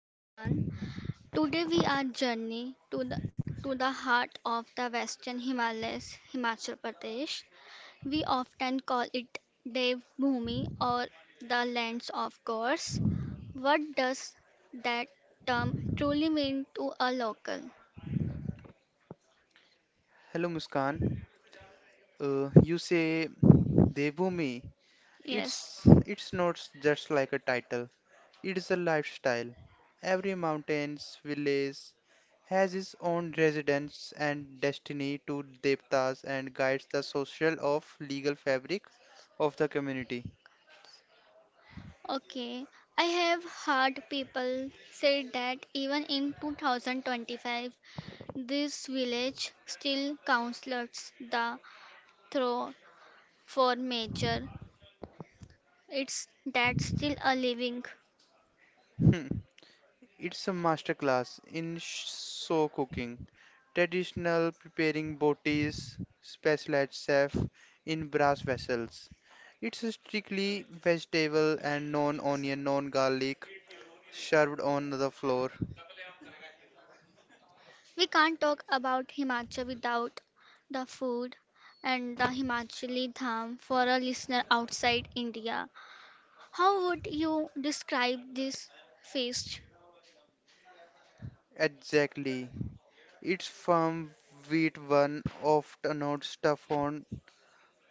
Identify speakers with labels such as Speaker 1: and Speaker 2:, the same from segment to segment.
Speaker 1: Muskan. Today we are journey to the heart of the Western Himalayas, Himachal Pradesh. We often call it Dev Bhumi or the lands of gods. What does that term truly mean to a local?
Speaker 2: Hello Muskan. You say Devbhumi.
Speaker 1: Yes.
Speaker 2: It's it's not just like a title. It is a lifestyle. Every mountains village has its own residence and destiny to devtas and guides the social of legal fabric of the community.
Speaker 1: Okay, I have heard people say that even in 2025, this village still counsels the throw for major. It's that still a living.
Speaker 2: It's a masterclass in show cooking. Traditional preparing botis, specialized chef in brass vessels. It's a strictly vegetable and non-onion, non-garlic, served on the floor.
Speaker 1: We can't talk about Himachal without the food and the Himachali Dham for a listener outside India. How would you describe this feast?
Speaker 2: Exactly. It's firm wheat one, often not stuffed on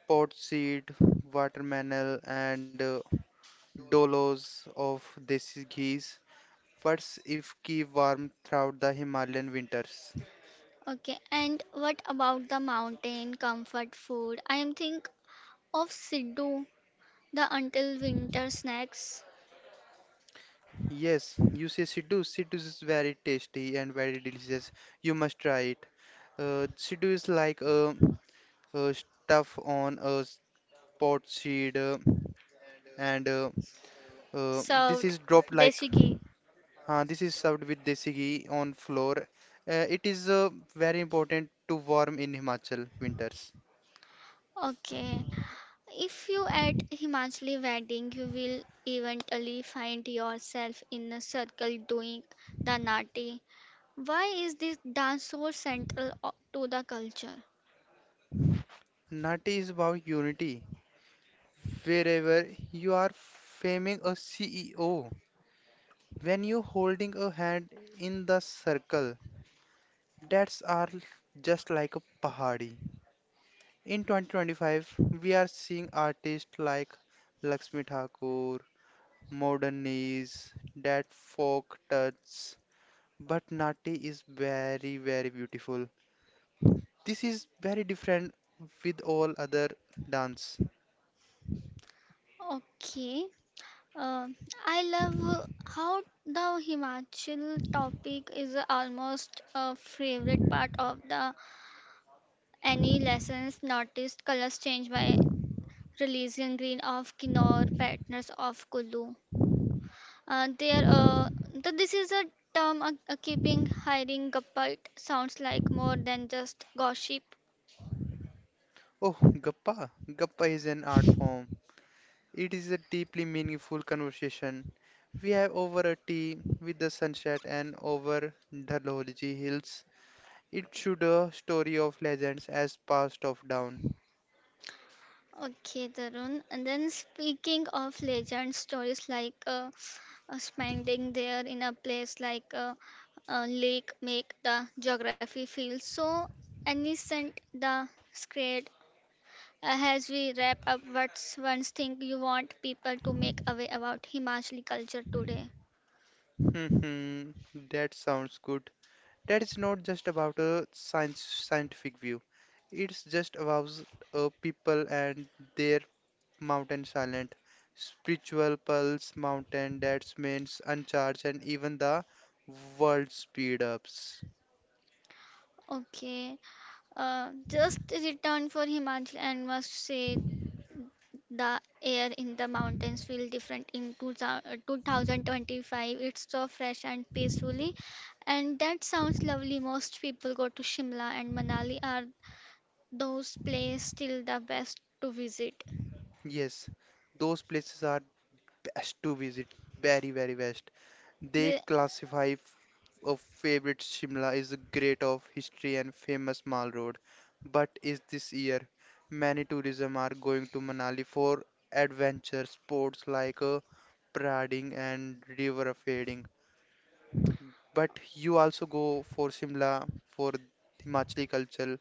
Speaker 2: pot seed, watermelon, and dollars of desi ghee. What's if keep warm throughout the Himalayan winters?
Speaker 1: Okay, and what about the mountain comfort food? I am think of Siddu, the until winter snacks
Speaker 2: Yes, you say Sidhu. Sidhu is very tasty and very delicious. You must try it. Sidhu is like stuff on a pot seed, and uh, this is
Speaker 1: served
Speaker 2: dropped like
Speaker 1: desi ghee.
Speaker 2: this is served with desi ghee on floor. It is very important to warm in Himachal winters.
Speaker 1: Okay, if you at Himachali wedding, you will eventually find yourself in a circle doing the nati. Why is this dance so central to the culture?
Speaker 2: Nati is about unity. Wherever you are faming a CEO, when you're holding a hand in the circle, that's are just like a pahadi. In 2025, we are seeing artists like Lakshmi Thakur, modern knees, that folk touch, but Nati is very, very beautiful. This is very different with all other dance.
Speaker 1: Okay, Uh, I love how the Himachal topic is almost a favorite part of the any lessons. Noticed colors change by releasing green of Kinnor, partners of Kulu. There, this is a term keeping hiring Gappalt sounds like more than just gossip.
Speaker 2: Oh, Gappa. Gappa is an art form. It is a deeply meaningful conversation we have over a tea with the sunset and over the Dhalolji hills. It should a story of legends as passed off down.
Speaker 1: Okay, Tarun. And then speaking of legend stories like spending there in a place like a lake make the geography feel so innocent, the scared. As we wrap up, what's one thing you want people to make away about Himachali culture today?
Speaker 2: Hmm, hmm, that sounds good. That is not just about a science scientific view. It's just about a people and their mountain silent spiritual pulse mountain that means uncharged and even the world speed ups.
Speaker 1: Okay. Just return for Himachal and must say the air in the mountains feel different in 2025. It's so fresh and peacefully, and that sounds lovely. Most people go to Shimla and Manali are those places still the best to visit.
Speaker 2: Yes, those places are best to visit, very, very best. They
Speaker 1: The-
Speaker 2: classify a favorite Shimla is a great of history and famous mall road. But is this year many tourism are going to Manali for adventure sports like parading and river rafting. But you also go for Shimla for Himachali culture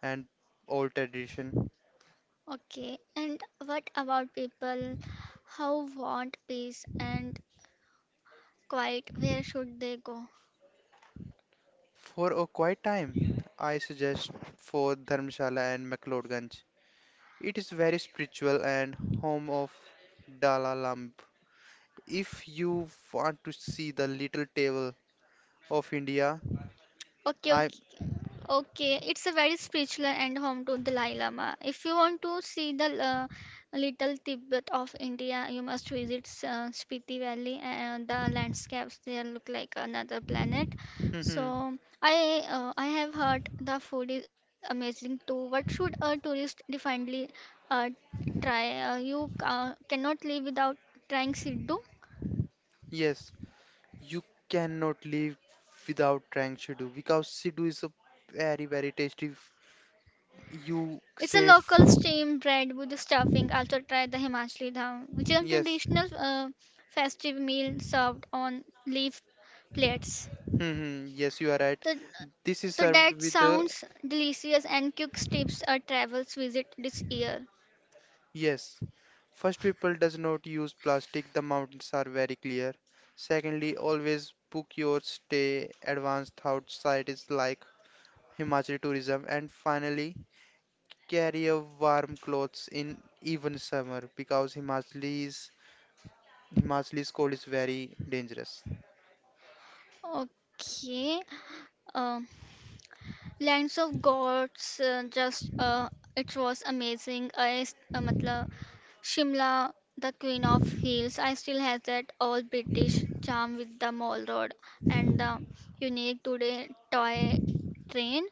Speaker 2: and old tradition.
Speaker 1: Okay, and what about people who want peace and quiet? Where should they go?
Speaker 2: For a quiet time, I suggest for Dharmshala and McLeodganj. It is very spiritual and home of Dalai Lama. If you want to see the little table of India,
Speaker 1: Okay,
Speaker 2: I
Speaker 1: okay, okay. It's a very spiritual and home to Dalai Lama. If you want to see the little Tibet of India, you must visit Spiti Valley, and the landscapes there look like another planet. So I have heard the food is amazing too. What should a tourist definitely uh, try? You cannot live without trying Siddu.
Speaker 2: yes, you cannot live without trying Sidhu because Sidhu is a very very tasty. You
Speaker 1: It's a
Speaker 2: save
Speaker 1: local steamed bread with the stuffing. Also try the Himachali dham, which is a
Speaker 2: yes,
Speaker 1: traditional festive meal served on leaf plates.
Speaker 2: yes, you are right.
Speaker 1: The,
Speaker 2: This is
Speaker 1: the
Speaker 2: served
Speaker 1: that
Speaker 2: with the
Speaker 1: sounds delicious and quick tips are travels visit this year.
Speaker 2: yes. First, people does not use plastic. The mountains are very clear. Secondly, always book your stay advanced outside is like Himachal tourism. And finally, carry a warm clothes in even summer because Himachalis cold is very dangerous.
Speaker 1: Okay. Um Lands lands of gods it was amazing. Amazing I मतलब Shimla, the queen of hills I still has that old british charm with the mall road and the unique today toy train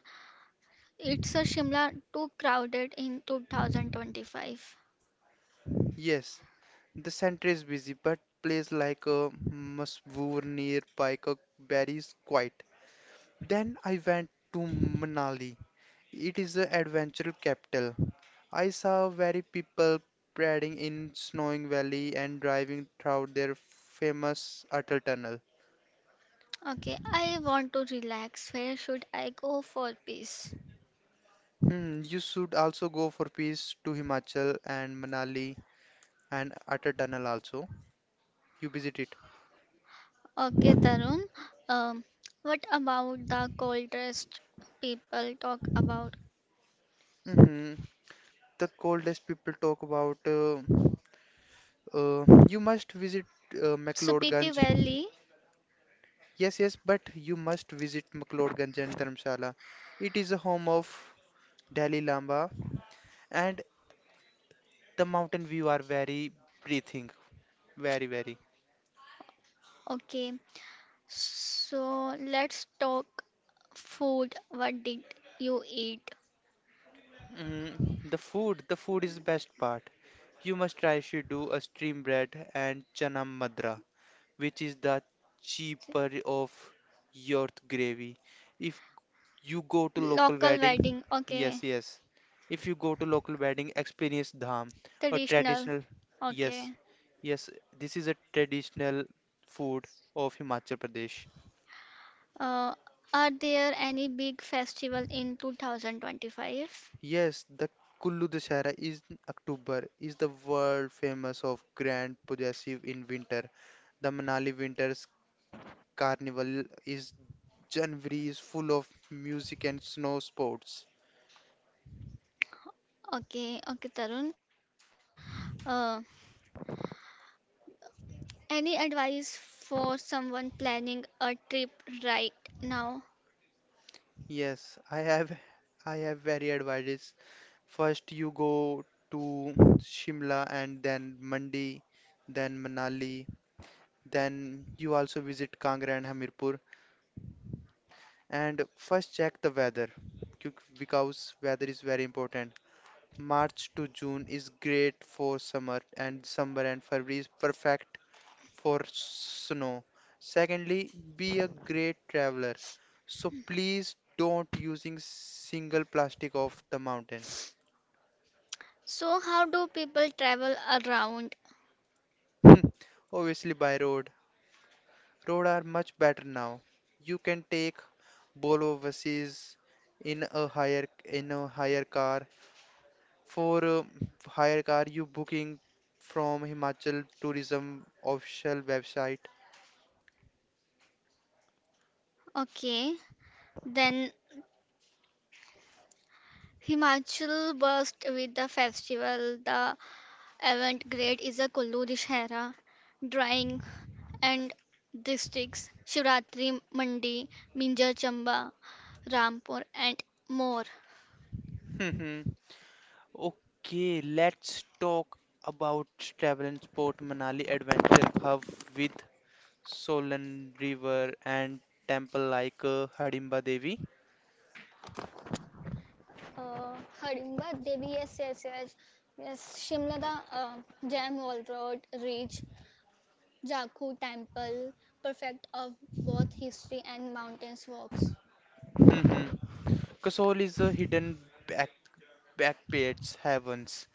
Speaker 1: it's a shimla too crowded in 2025.
Speaker 2: Yes, the center is busy, but place like a Masbur near Paika Berry is quiet. Then I went to Manali. It is the adventure capital. I saw very people parading in snowing valley and driving through their famous Atal Tunnel.
Speaker 1: Okay, I want to relax where should I go for peace.
Speaker 2: Hmm, you should also go for peace to Himachal and Manali and Atal Tunnel also. You visit it.
Speaker 1: Okay, Tarun. um, what about the coldest people talk about
Speaker 2: Hmm, the coldest people talk about. You must visit
Speaker 1: Supiti
Speaker 2: McLeodganj.
Speaker 1: Valley.
Speaker 2: Yes, yes, but you must visit McLeodganj and Dharamshala. It is a home of Dalai Lama, and the mountain view are very breathing, very, very.
Speaker 1: Okay. So let's talk food. What did you eat?
Speaker 2: Mm, the food is the best part. You must try should a stream bread and chana madra, which is the cheaper of your gravy. If you go to local
Speaker 1: Local
Speaker 2: wedding,
Speaker 1: wedding. Okay.
Speaker 2: yes, yes, if you go to local wedding experience dham, a
Speaker 1: Traditional.
Speaker 2: traditional yes,
Speaker 1: Okay.
Speaker 2: yes, this is a traditional food of Himachal Pradesh.
Speaker 1: Uh, are there any big festival in 2025?
Speaker 2: Yes, the Kullu Dashera is in October, is the world famous of grand possessive in winter. The Manali Winters Carnival is January is full of music and snow sports.
Speaker 1: Okay. Okay, Tarun. Uh, any advice for someone planning a trip right now?
Speaker 2: Yes, I have I have very advice. First you go to Shimla and then Mandi, then Manali, then you also visit Kangra and Hamirpur and first check the weather because weather is very important. March to June is great for summer and December and February is perfect for snow. Secondly, be a great traveler. So please don't using single plastic off the mountain.
Speaker 1: So, how do people travel around?
Speaker 2: Hmm, Obviously by road. Road are much better now. You can take Bolo overseas in a higher car. For a higher car, you booking from Himachal Tourism official website.
Speaker 1: Okay, then Himachal burst with the festival. The avant-garde is a Kullu Dussehra, drawing and districts, Shivratri Mandi, Minjar Chamba, Rampur and more.
Speaker 2: Okay, let's talk about travel and sport Manali Adventure Hub with Solan River and temple like Hidimba Devi.
Speaker 1: Uh, Hardimba Devi SSS, yes, Shimla the Jam Wall Road, Reach, Jakhu Temple, perfect of both history and mountains walks.
Speaker 2: Hmm, Kasol is a hidden back backpacks heavens.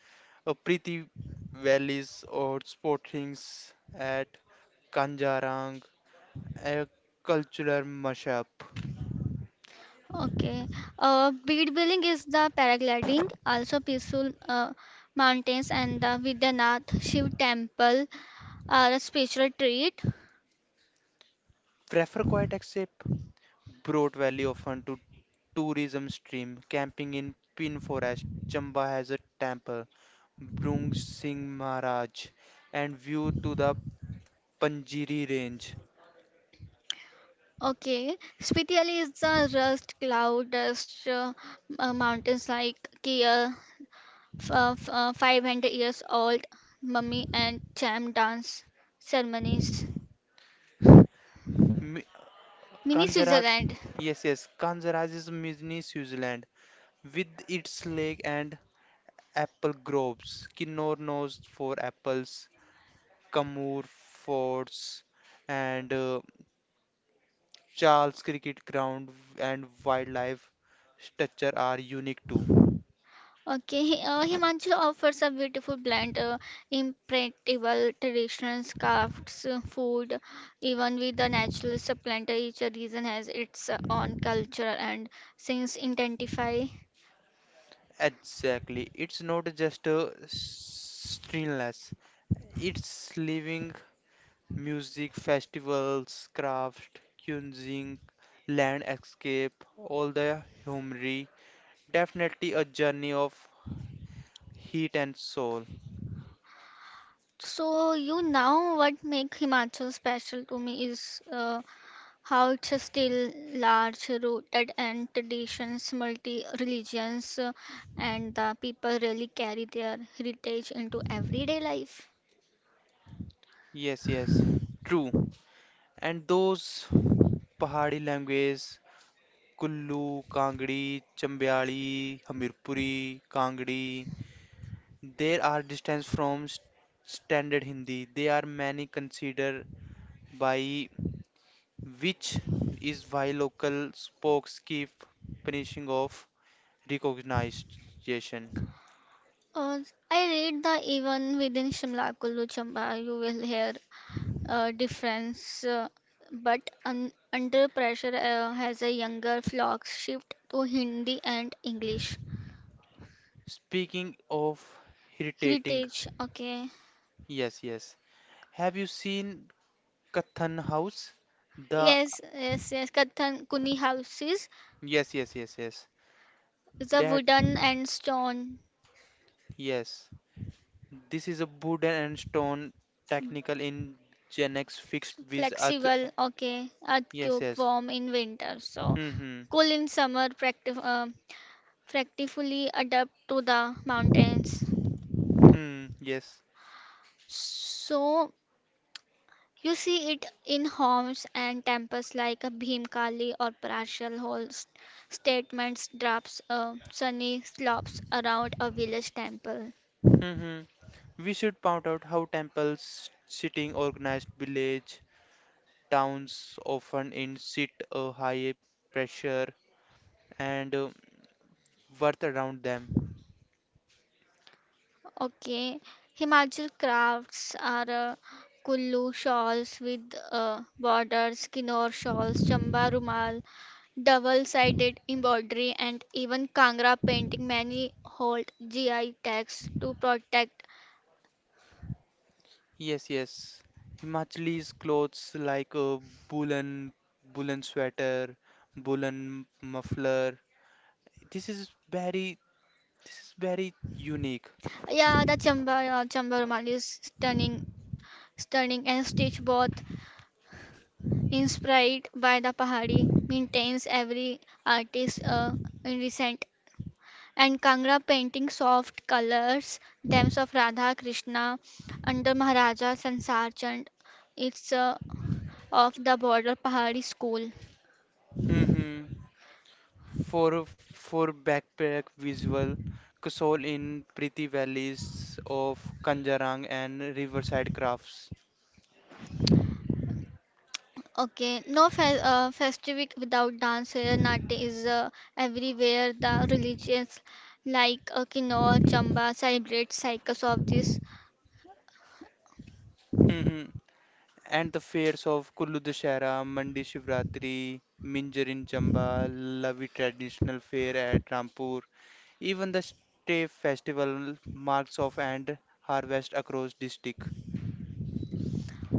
Speaker 2: A pretty valleys or sportings at Kanjarang, a cultural mashup.
Speaker 1: Okay. Bead building is the paragliding, also peaceful mountains and the Vidyanath Shiv temple are a special treat.
Speaker 2: Prefer quiet escape, Broad Valley often to tourism stream, camping in Pin Forest, Chamba has a temple, Brung Singh Maharaj, and view to the Panjiri Range.
Speaker 1: Okay. Spitiali is the rust cloud dust mountains like Kia, 500 years old mummy and cham dance ceremonies.
Speaker 2: Mi-
Speaker 1: Mini
Speaker 2: Kanjaraj,
Speaker 1: Switzerland.
Speaker 2: yes, yes, Kanjaraj is mini Switzerland with its lake and apple groves, Kinnor knows for apples, Kamur forts, and Charles Cricket Ground and wildlife structure are unique too.
Speaker 1: Okay, Himanshu offers a beautiful blend, impractical traditional crafts, food, even with the natural supplant. Each region has its own culture and since intensify.
Speaker 2: Exactly. It's not just a stillness. It's living music, festivals, craft, cuisine, landscape, all the humor. Definitely a journey of heat and soul.
Speaker 1: So you now what make Himachal special to me is how it's still large rooted and traditions, multi-religions, and the people really carry their heritage into everyday life.
Speaker 2: Yes, yes. True. And those Pahari languages, Kullu, Kangri, Chambiali, Hamirpuri, Kangri. There are distance from standard Hindi. They are many considered by which is why local spokes keep punishing of recognition.
Speaker 1: Uh, I read the even within Shimla Kullu Chamba, you will hear difference. But un under pressure has a younger flock shift to Hindi and English.
Speaker 2: Speaking of irritating,
Speaker 1: Heritage, okay.
Speaker 2: yes, yes. Have you seen Kathan House? The
Speaker 1: Yes, yes, yes. Kathan Kuni houses
Speaker 2: yes, yes, yes, yes.
Speaker 1: is a
Speaker 2: That
Speaker 1: wooden and stone,
Speaker 2: yes. This is a wood and stone technical in Gen X fixed with earth.
Speaker 1: flexible, okay.
Speaker 2: Yes,
Speaker 1: Earthquake
Speaker 2: yes.
Speaker 1: warm in winter, so
Speaker 2: Hmm. Hmm.
Speaker 1: cool in summer, practically adapt to the mountains.
Speaker 2: Hmm, yes.
Speaker 1: So you see it in homes and temples like a Bhimkali or partial holds statements drops sunny slopes around a village temple.
Speaker 2: Hmm, we should point out how temples sitting organized village towns often elicit a high pressure and worth around them.
Speaker 1: Okay, Himachal crafts are Kullu shawls with borders, Kinnor shawls, Chamba rumal, double-sided embroidery, and even Kangra painting. Many hold GI tags to protect.
Speaker 2: Yes, yes. Himachalis clothes like a woolen woolen sweater, woolen muffler. This is very, this is very unique.
Speaker 1: Yeah, Chamba Rumal is stunning, and Stitch both inspired by the Pahari maintains every artist in recent and Kangra painting soft colors, themes of Radha Krishna under Maharaja Sansar Chand. It's of the border Pahari school.
Speaker 2: Hmm. For backpack visual, Kasol in pretty valleys of Kanjarang and riverside crafts.
Speaker 1: Okay, no festive without dance. Nati is everywhere. The religions like Kinoa, Chamba celebrate cycles of this.
Speaker 2: Mhm. And the fairs of Kullu Dashera, Mandi Shivratri, Minjar in Chamba, Lavi traditional fair at Rampur. Even the Stay festival marks off and harvest across district.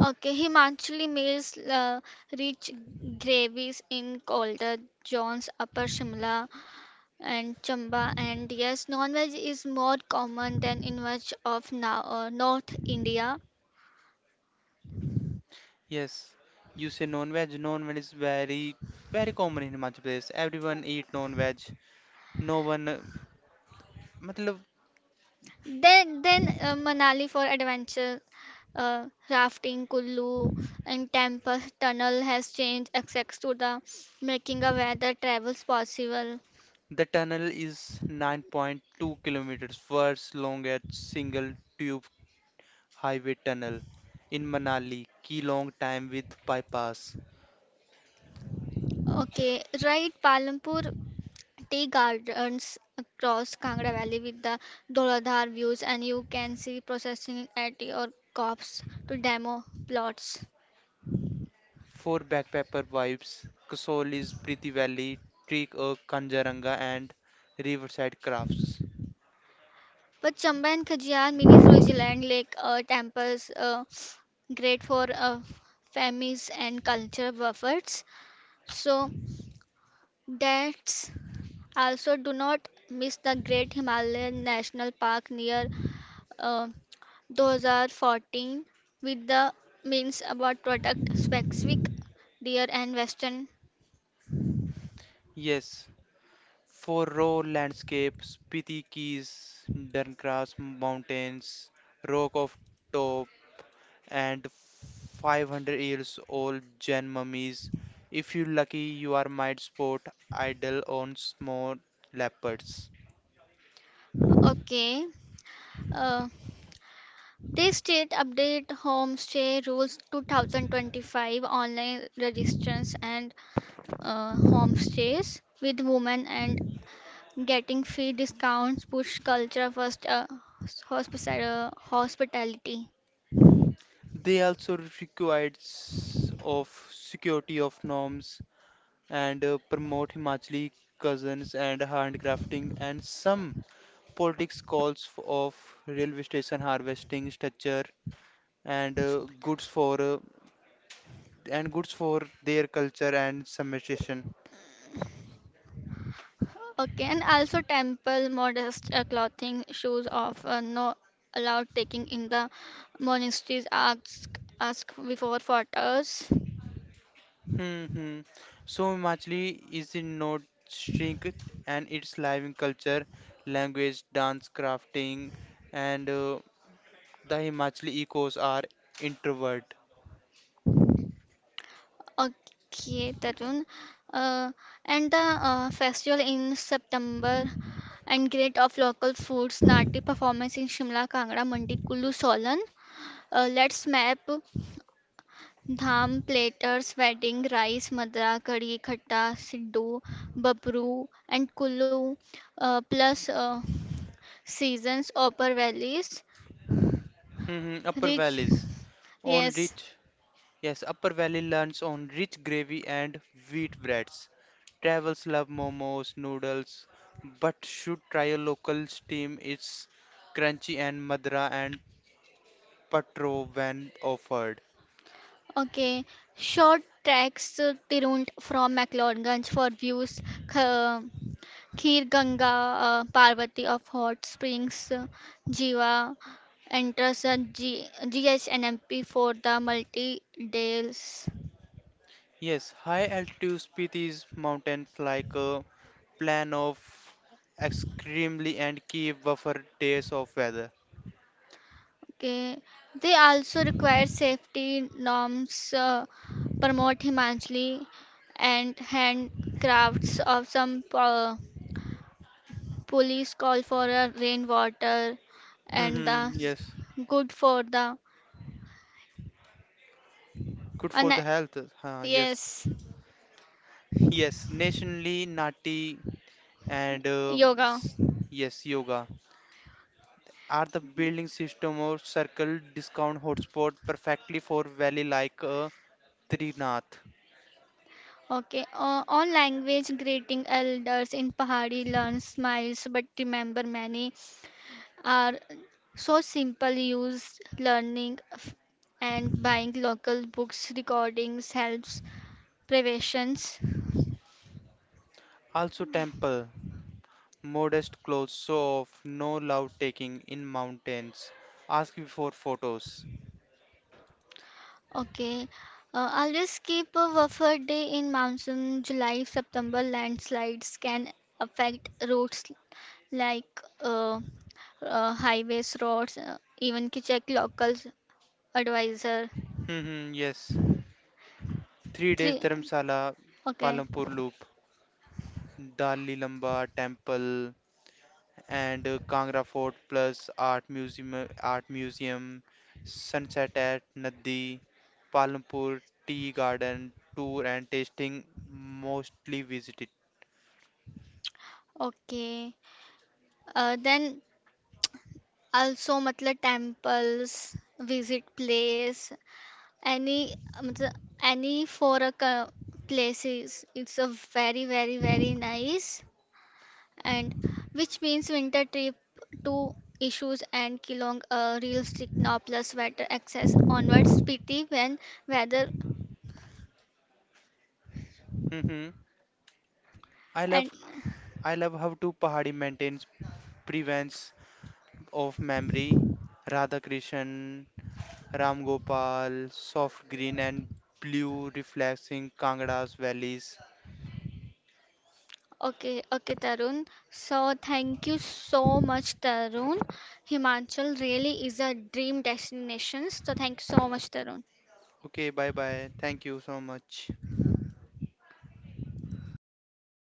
Speaker 1: Okay, Himanchali meals rich gravies in colder zones, Upper Shimla and Chamba. And yes, non-veg is more common than in much of now North India.
Speaker 2: Yes, you say non-veg. Non-veg is very very common in Himachal Pradesh. Everyone eat non-veg. No one मतलब
Speaker 1: Then Manali for adventure, rafting, Kullu, and Tempest Tunnel has changed access to the making a weather travels possible.
Speaker 2: the tunnel is 9.2 kilometers, first longest single tube highway tunnel in Manali, key long time with bypass.
Speaker 1: Okay, right, Palampur Tea Gardens across Kangra Valley with the Doladhar views, and you can see processing at your cops to demo plots.
Speaker 2: For backpacker vibes, Kasol is Priti Valley, Trek of Kanjaranga and Riverside Crafts.
Speaker 1: But Chamba and Khajiyar mini Switzerland Lake temples. Great for families and culture buffets. So that's also do not miss the Great Himalayan National Park near uh, 2014 with the means about product specific deer and western.
Speaker 2: Yes, for raw landscapes, Spiti Keys, Duncross Mountains, Rock of Top, and 500 years old Jain mummies. If you're lucky, you are might spot idol on small leopards.
Speaker 1: Okay. Uh, this state update homestay rules 2025 online registrants and homestays with women and getting free discounts push culture first hospitality.
Speaker 2: They also required of security of norms and promote Himachali cousins and handcrafting and some politics calls of railway station harvesting structure and goods for and goods for their culture and submission.
Speaker 1: Okay, and also temple modest clothing shoes of no allowed taking in the monasteries ask before photos.
Speaker 2: Mm-hmm. So Himachali is in not shrink and its living culture, language, dance, crafting, and the Himachali ecos are introvert.
Speaker 1: Okay, Tarun. Uh, and the festival in September and great of local foods, Nati performance in Shimla, Kangra, Mandi, Kulu, Solan. Let's map. Dham platters wedding rice madra kadi khatta siddu babru and kullu plus seasons upper valleys
Speaker 2: Mm-hmm. Upper
Speaker 1: rich.
Speaker 2: valleys on
Speaker 1: Yes,
Speaker 2: rich, yes, Upper Valley learns on rich gravy and wheat breads. Travels love momos, noodles, but should try a local steam. It's crunchy and madra and patro when offered.
Speaker 1: okay, short tracks to tirunt from mcleodganj for views, Kh- khir ganga, parvati of hot springs, jiva enters a gsnmp for the multi dales.
Speaker 2: Yes, high altitude species mountains like a plan of extremely and keep buffer days of weather.
Speaker 1: Okay. They also require safety norms, promote humanly and handcrafts of some police call for a rainwater and the
Speaker 2: Hmm, yes,
Speaker 1: good for the.
Speaker 2: good
Speaker 1: And
Speaker 2: for the health. Huh, yes,
Speaker 1: yes
Speaker 2: yes, nationally nati and
Speaker 1: yoga.
Speaker 2: s- yes, yoga are the building system or circle discount hotspot perfectly for valley like Trinath.
Speaker 1: Okay, on language greeting elders in pahari learn smiles but remember many are so simple used learning and buying local books recordings helps preventions.
Speaker 2: Also temple. Modest clothes show off, no love taking in mountains. Ask before photos.
Speaker 1: Okay, always keep a buffer day in monsoon july september landslides can affect roads like highways roads even ki check local advisor
Speaker 2: Hmm, hmm, yes. 3 days
Speaker 1: three.
Speaker 2: Dharamsala,
Speaker 1: Okay,
Speaker 2: Palampur Loop, Dali Lamba Temple, and Kangra Fort plus Art Museum, Art Museum, Sunset at Nadi, Palampur Tea Garden tour and tasting mostly visited.
Speaker 1: okay then also मतलब temples visit place. Any, um, the- any four places. It's a very, very, very nice, and which means winter trip to issues and Kilong, a real strict now plus better access onwards PT when weather
Speaker 2: Hmm, hmm. I
Speaker 1: and
Speaker 2: love I love how two Pahadi mountains prevents of memory Radhakrishnan, Ram Gopal, soft green and blue reflecting Kangada's valleys.
Speaker 1: okay, okay, Tarun. So thank you so much, Tarun. Himachal really is a dream destination. So thank you so much, Tarun.
Speaker 2: Okay, bye bye. Thank you so much.